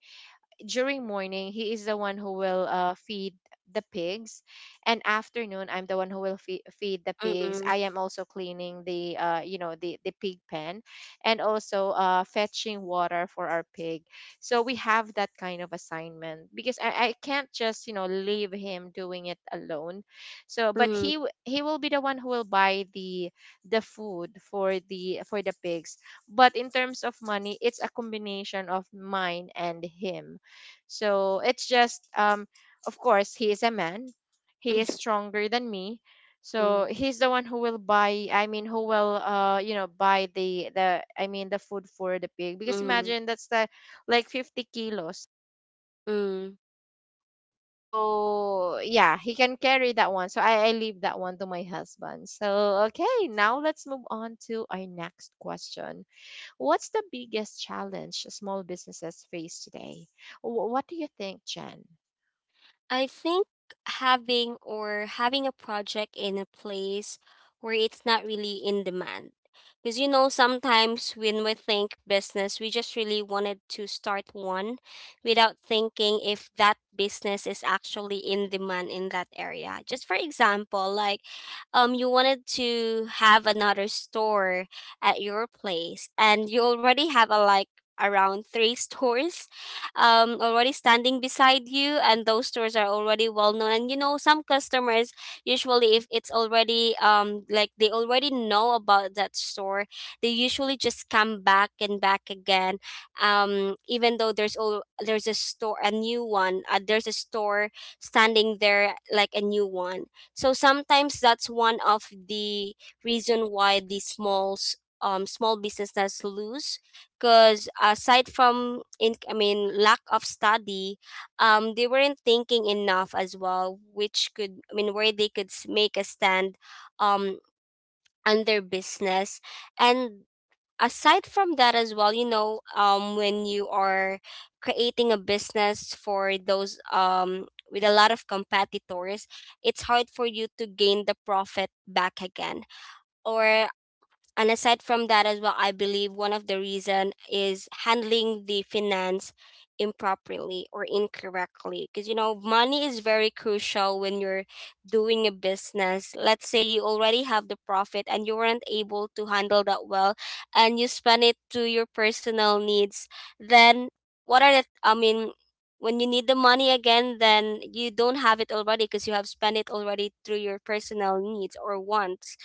A: during morning, he is the one who will, uh, feed the pigs. And afternoon, I'm the one who will fe- feed the pigs.
B: Mm.
A: I am also cleaning the uh, you know the, the pig pen, and also uh, fetching water for our pig. So we have that kind of assignment because I, I can't just, you know leave him doing it alone. So,
B: Mm.
A: but
B: Mm.
A: he w- he will be the one who will buy the the food for the for the pigs. But in terms of money, it's a combination of mine and him, so it's just, um of course, he is a man. He is
B: Mm.
A: stronger than me.
B: Mm.
A: So he's the one who will buy, I mean, who will, uh you know buy the the I mean the food for the pig because
B: Mm.
A: imagine that's the, like, fifty kilos.
B: Mm.
A: So yeah, he can carry that one. So I, I leave that one to my husband. So okay, now let's move on to our next question. What's the biggest challenge small businesses face today? Wh- What do you think, Jen?
B: I think having or having a project in a place where it's not really in demand. Because, you know, sometimes when we think business, we just really wanted to start one without thinking if that business is actually in demand in that area. Just for example, like um you wanted to have another store at your place and you already have a like around three stores um already standing beside you, and those stores are already well known, and you know some customers usually, if it's already um like they already know about that store, they usually just come back and back again, um even though there's all there's a store a new one, uh, there's a store standing there like a new one. So sometimes that's one of the reason why the smalls um small businesses lose, because aside from in I mean lack of study, um they weren't thinking enough as well, which could i mean where they could s- make a stand um on their business. And aside from that as well, you know, um when you are creating a business for those um with a lot of competitors, it's hard for you to gain the profit back again. Or and aside from that as well, I believe one of the reason is handling the finance improperly or incorrectly, because you know money is very crucial when you're doing a business. Let's say you already have the profit and you weren't able to handle that well, and you spend it to your personal needs, then what are the i mean when you need the money again, then you don't have it already because you have spent it already through your personal needs or wants,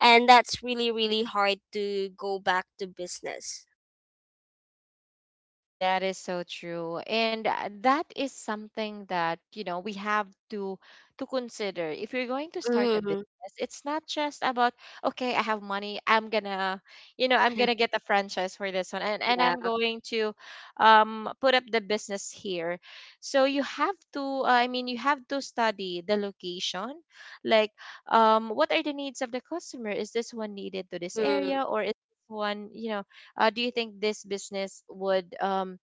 B: and that's really really hard to go back to business.
A: That is so true. And uh, that is something that, you know, we have to to consider. If you're going to start a
B: Mhm.
A: business, it's not just about, okay, I have money, I'm gonna, you know, I'm gonna get a franchise for this one and, and I'm
B: Yeah.
A: going to um put up the business here. So you have to, uh, I mean, you have to study the location. Like, um, what are the needs of the customer? Is this one needed to this
B: Mm,
A: area or is this one, you know, uh, do you think this business would um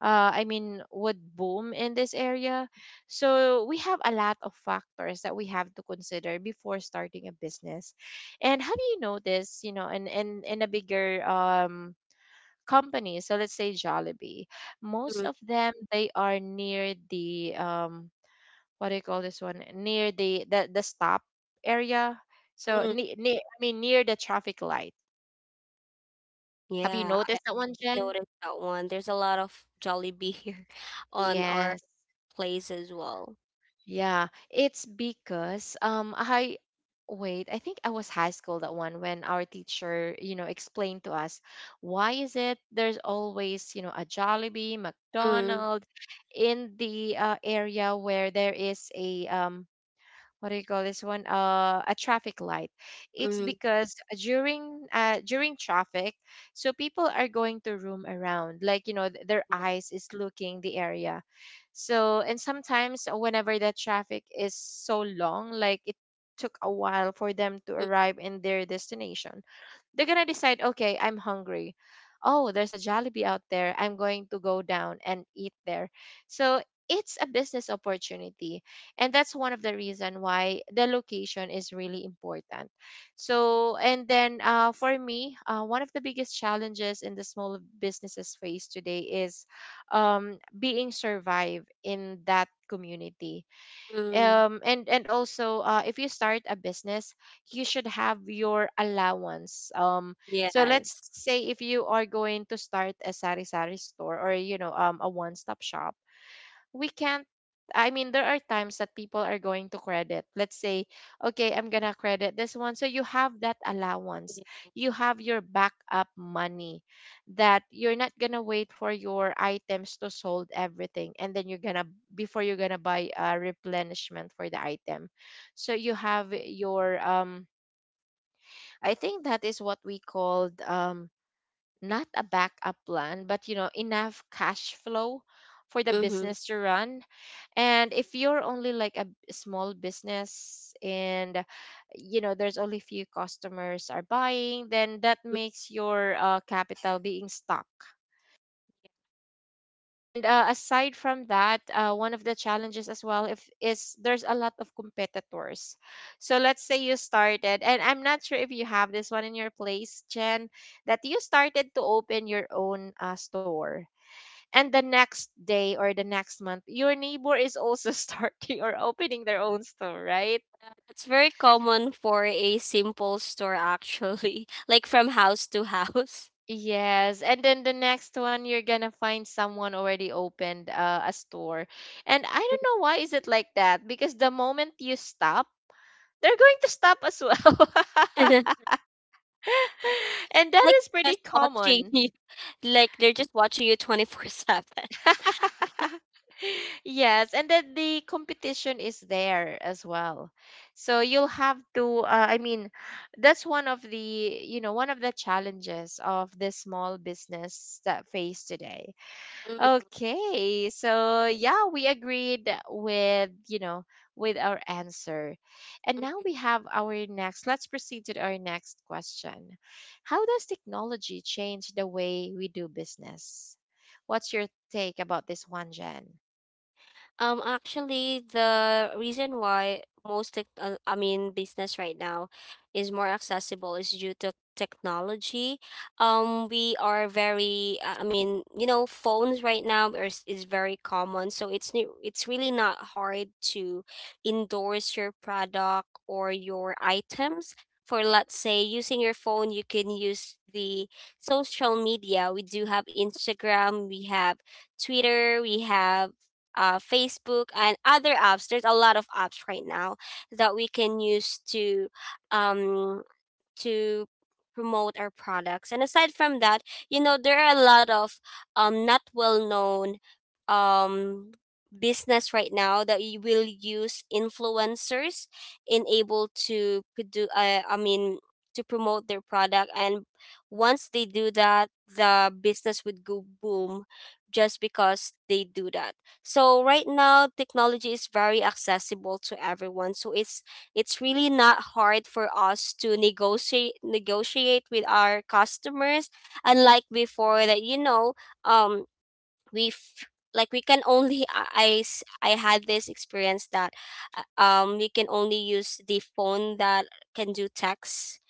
A: uh I mean would boom in this area? So we have a lot of factors that we have to consider before starting a business. And have you noticed, you know, in in in a bigger um company, so let's say Jollibee, most
B: mm,
A: of them they are near the um what do you call this one? Near the the, the stop area. So
B: mm.
A: ne- ne- I mean near the traffic light. Have you
B: Yeah, I
A: noticed that one, Jen?
B: noticed that one. There's a lot of Jollibee here on our
A: Yes.
B: place as well.
A: Yeah, it's because um I wait, I think I was high school that one when our teacher, you know, explained to us why is it there's always, you know, a Jollibee,
B: Mm,
A: McDonald's in the uh, area where there is a um what do you call this one? Uh, a traffic light. It's
B: mm,
A: because during uh, during traffic, so people are going to roam around, like you know, th- their
B: yeah.
A: eyes is looking the area. So and sometimes whenever that traffic is so long, like it took a while for them to
B: Mm,
A: arrive in their destination, they're gonna decide, okay, I'm hungry. Oh, there's a Jollibee out there. I'm going to go down and eat there. So it's a business opportunity, and that's one of the reason why the location is really important. So, and then uh, for me, uh, one of the biggest challenges in the small businesses face today is um, being survive in that community,
B: mm.
A: um and and also uh, if you start a business you should have your allowance. Um so let's
B: Yes.
A: say if you are going to start a sari sari store or you know um a one stop shop, we can't, I mean, there are times that people are going to credit. Let's say, okay, I'm gonna credit this one. So you have that allowance. You have your backup money that you're not gonna wait for your items to sold everything and then you're gonna before you're gonna buy a replenishment for the item. So you have your um I think that is what we called, um not a backup plan, but you know, enough cash flow for the
B: Mm-hmm.
A: business to run. And if you're only like a b- small business and you know, there's only few customers are buying, then that makes your uh, capital being stuck. And uh, aside from that, uh, one of the challenges as well if is there's a lot of competitors. So let's say you started, and I'm not sure if you have this one in your place, Jen, that you started to open your own uh, store, and the next day or the next month, your neighbor is also starting or opening their own store, right?
B: It's very common for a simple store actually, like from house to house.
A: Yes, and then the next one you're gonna find someone already opened uh, a store. And I don't know why is it like that, because the moment you stop they're going to stop as well. And that
B: Like
A: is pretty
B: just watching
A: common.
B: you, like they're just watching you twenty-four seven.
A: Yes, and then the competition is there as well. So you'll have to, uh, I mean, that's one of the, you know, one of the challenges of the small business that face today.
B: Mm,
A: Okay, so yeah, we agreed with, you know, with our answer. And now we have our next, let's proceed to our next question. How does technology change the way we do business? What's your take about this one, Jen?
B: Um, actually, the reason why most tech, uh, I mean, business right now is more accessible is due to technology. Um, we are very, uh, I mean, you know, phones right now is, is very common, so it's new, it's really not hard to endorse your product or your items. For let's say using your phone, you can use the social media. We do have Instagram, we have Twitter, we have uh, Facebook and other apps. There's a lot of apps right now that we can use to um, to promote our products. And aside from that, you know, there are a lot of um not well known um business right now that you will use influencers in able to do uh, I mean to promote their product, and once they do that the business would go boom just because they do that. So right now technology is very accessible to everyone, so it's it's really not hard for us to negotiate negotiate with our customers, unlike before that, you know, um we f- like we can only I, I s- I had this experience that uh, um we can only use the phone that can do text,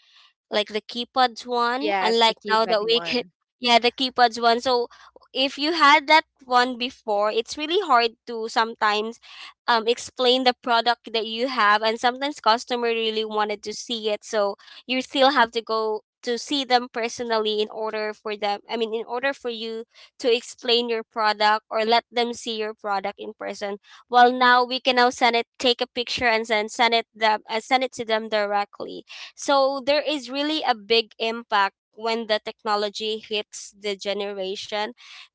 B: like the keypads one. And
A: Yes, the
B: like now that
A: keypad
B: we can
A: one.
B: yeah, the keypads one. So if you had that one before, it's really hard to sometimes um, explain the product that you have, and sometimes customer really wanted to see it, so you still have to go to see them personally in order for them I mean in order for you to explain your product, or let them see your product in person. Well, now we can now send it, take a picture and then send it them uh, send it to them directly. So there is really a big impact when the technology hits the generation,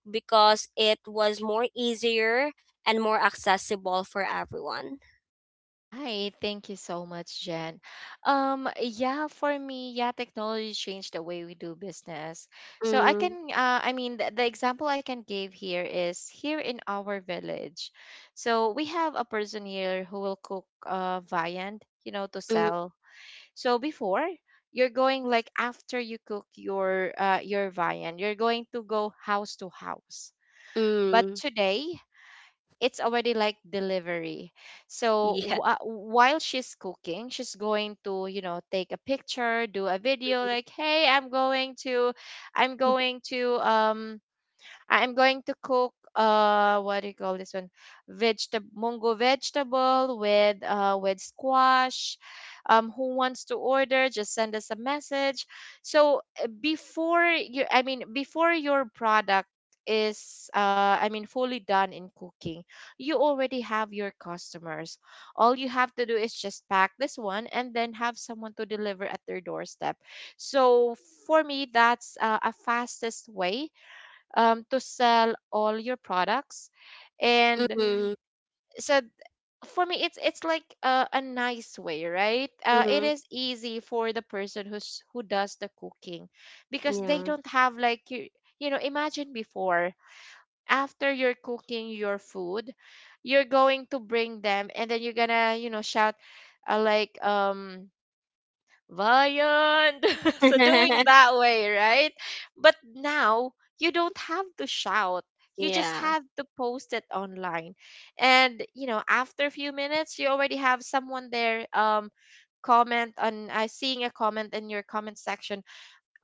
B: because it was more easier and more accessible for everyone.
A: Right. Thank you so much, Jen. Um, yeah, for me, yeah, technology changed the way we do business. So I
B: Mm,
A: can, uh, I mean, the, the example I can give here is here in our village. So we have a person here who will cook uh, viand, you know, to
B: mm,
A: sell. So before, you're going like after you cook your uh, your viand, you're going to go house to house. But
B: mm.
A: today, it's already like delivery, so
B: Yeah.
A: wh- while she's cooking she's going to you know take a picture, do a video like, hey, i'm going to i'm
B: Mm,
A: going to um I'm going to cook, uh what do you call this one? Vegetable mungo, vegetable with uh with squash. Um who wants to order, just send us a message. So uh, before you, I mean before your product is uh I mean fully done in cooking, you already have your customers. All you have to do is just pack this one and then have someone to deliver at their doorstep. So for me, that's uh, a fastest way um, to sell all your products. And
B: mm,
A: so for me it's it's like a, a nice way, right? Uh, it
B: mm.
A: is easy for the person who's who does the cooking because they
B: Yeah.
A: don't have like you you know, imagine before, after you're cooking your food you're going to bring them and then you're gonna you know shout, uh, like um Vayan. So doing that way, right? But now you don't have to shout. You just
B: Yeah.
A: have to post it online. And you know, after a few minutes, you already have someone there um comment on uh, seeing a comment in your comment section,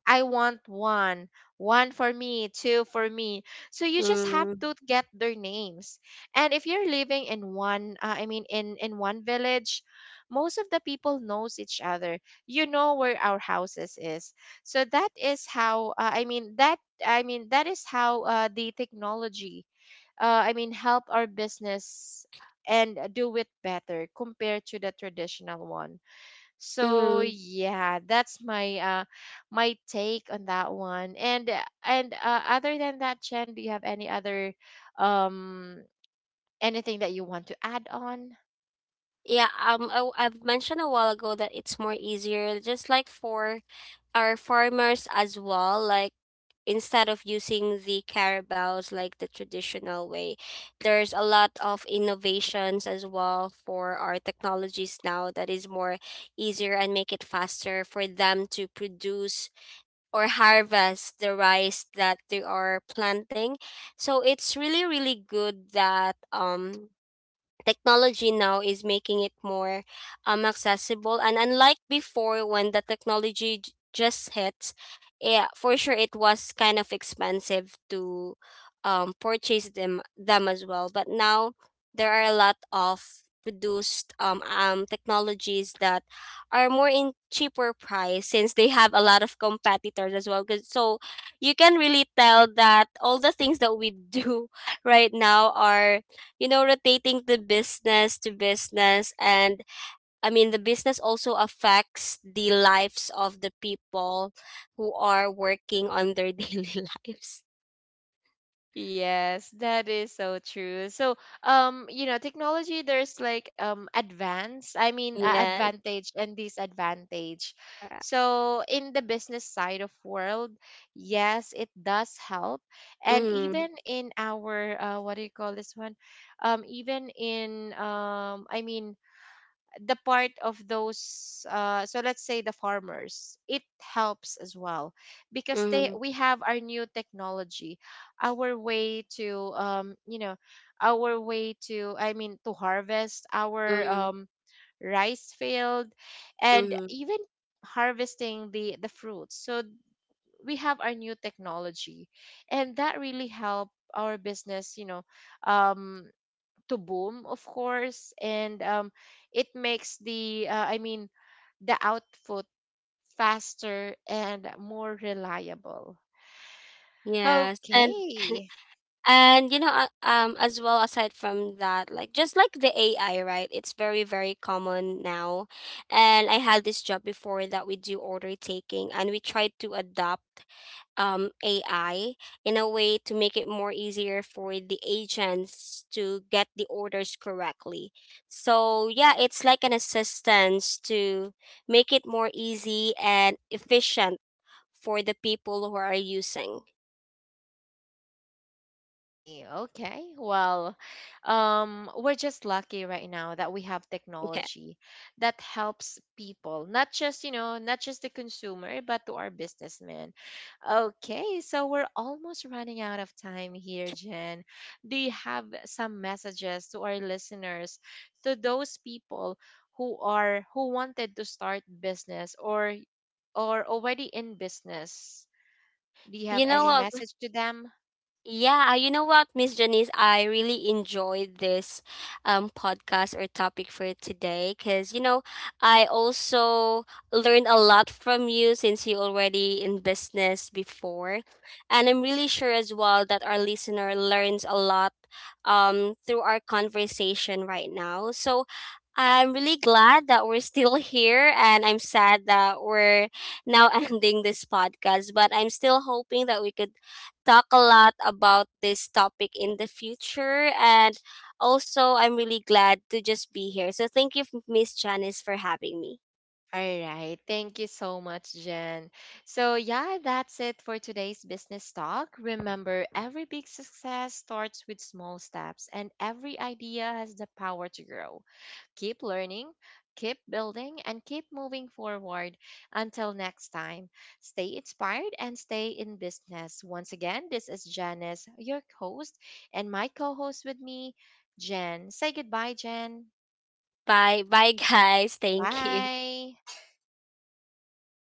A: I want one, one for me, two for me. So you just have
B: Mm,
A: to get their names. And if you're living in one, uh, I mean, in in one village, most of the people knows each other. You know where our houses is. So that is how, uh, I mean, that I mean that is how uh, the technology, uh, I mean, help our business and do it better compared to the traditional one. So
B: mm.
A: yeah, that's my uh my take on that one. And uh, and uh, other than that, Chen, do you have any other um anything that you want to add on?
B: Yeah, um, I, I've mentioned a while ago that it's more easier, just like for our farmers as well. Like, instead of using the carabaos like the traditional way, there's a lot of innovations as well for our technologies now that is more easier and make it faster for them to produce or harvest the rice that they are planting. So it's really really good that um technology now is making it more um, accessible. And unlike before when the technology j- just hits, yeah, for sure it was kind of expensive to um, purchase them them as well. But now there are a lot of produced um, um technologies that are more in cheaper price since they have a lot of competitors as well. 'Cause- so you can really tell that all the things that we do right now are, you know, rotating the business to business, and i mean the business also affects the lives of the people who are working on their daily lives.
A: Yes, that is so true. So, um, you know, technology, there's like um advance, I mean, uh,
B: Yes.
A: advantage and disadvantage.
B: Uh,
A: So, in the business side of world, yes, it does help. And
B: mm-hmm,
A: even in our uh, what do you call this one? Um, even in um, I mean, the part of those uh, so let's say the farmers, it helps as well because they
B: mm-hmm,
A: we have our new technology, our way to um you know, our way to, i mean to harvest our
B: mm-hmm,
A: um rice field and
B: mm-hmm.
A: even harvesting the the fruits. So we have our new technology and that really help our business, you know, um to boom, of course, and um, it makes the uh, I mean the output faster and more reliable.
B: Yes, and
A: Okay.
B: and you know, uh, um as well, aside from that, like just like the A I right, it's very very common now, and I had this job before that we do order taking, and we tried to adopt um A I in a way to make it more easier for the agents to get the orders correctly. So yeah, it's like an assistance to make it more easy and efficient for the people who are using.
A: See. Okay. Well, um, we're just lucky right now that we have
B: Yeah,
A: technology that helps people, not just, you know, not just the consumer, but to our businessmen. Okay. So we're almost running out of time here, Jen. Do you have some messages to our listeners, to those people who are who wanted to start business or or already in business, do you have
B: you know
A: any
B: what?
A: message to them?
B: Yeah, uh, you know what, Miss Janice, I really enjoyed this um podcast or topic for today, because you know I also learned a lot from you since you already in business before, and I'm really sure as well that our listener learns a lot um through our conversation right now. So I'm really glad that we're still here, and I'm sad that we're now ending this podcast. But I'm still hoping that we could talk a lot about this topic in the future. And also, I'm really glad to just be here. So, thank you, Miss Janice, for having me.
A: All right. Thank you so much, Jen. So, yeah, that's it for today's business talk. Remember, every big success starts with small steps, and every idea has the power to grow. Keep learning, keep building, and keep moving forward. Until next time, stay inspired and stay in business. Once again, this is Janice, your host, and my co host with me, Jen. Say goodbye, Jen.
B: Bye. Bye, guys. Thank you.
A: Bye.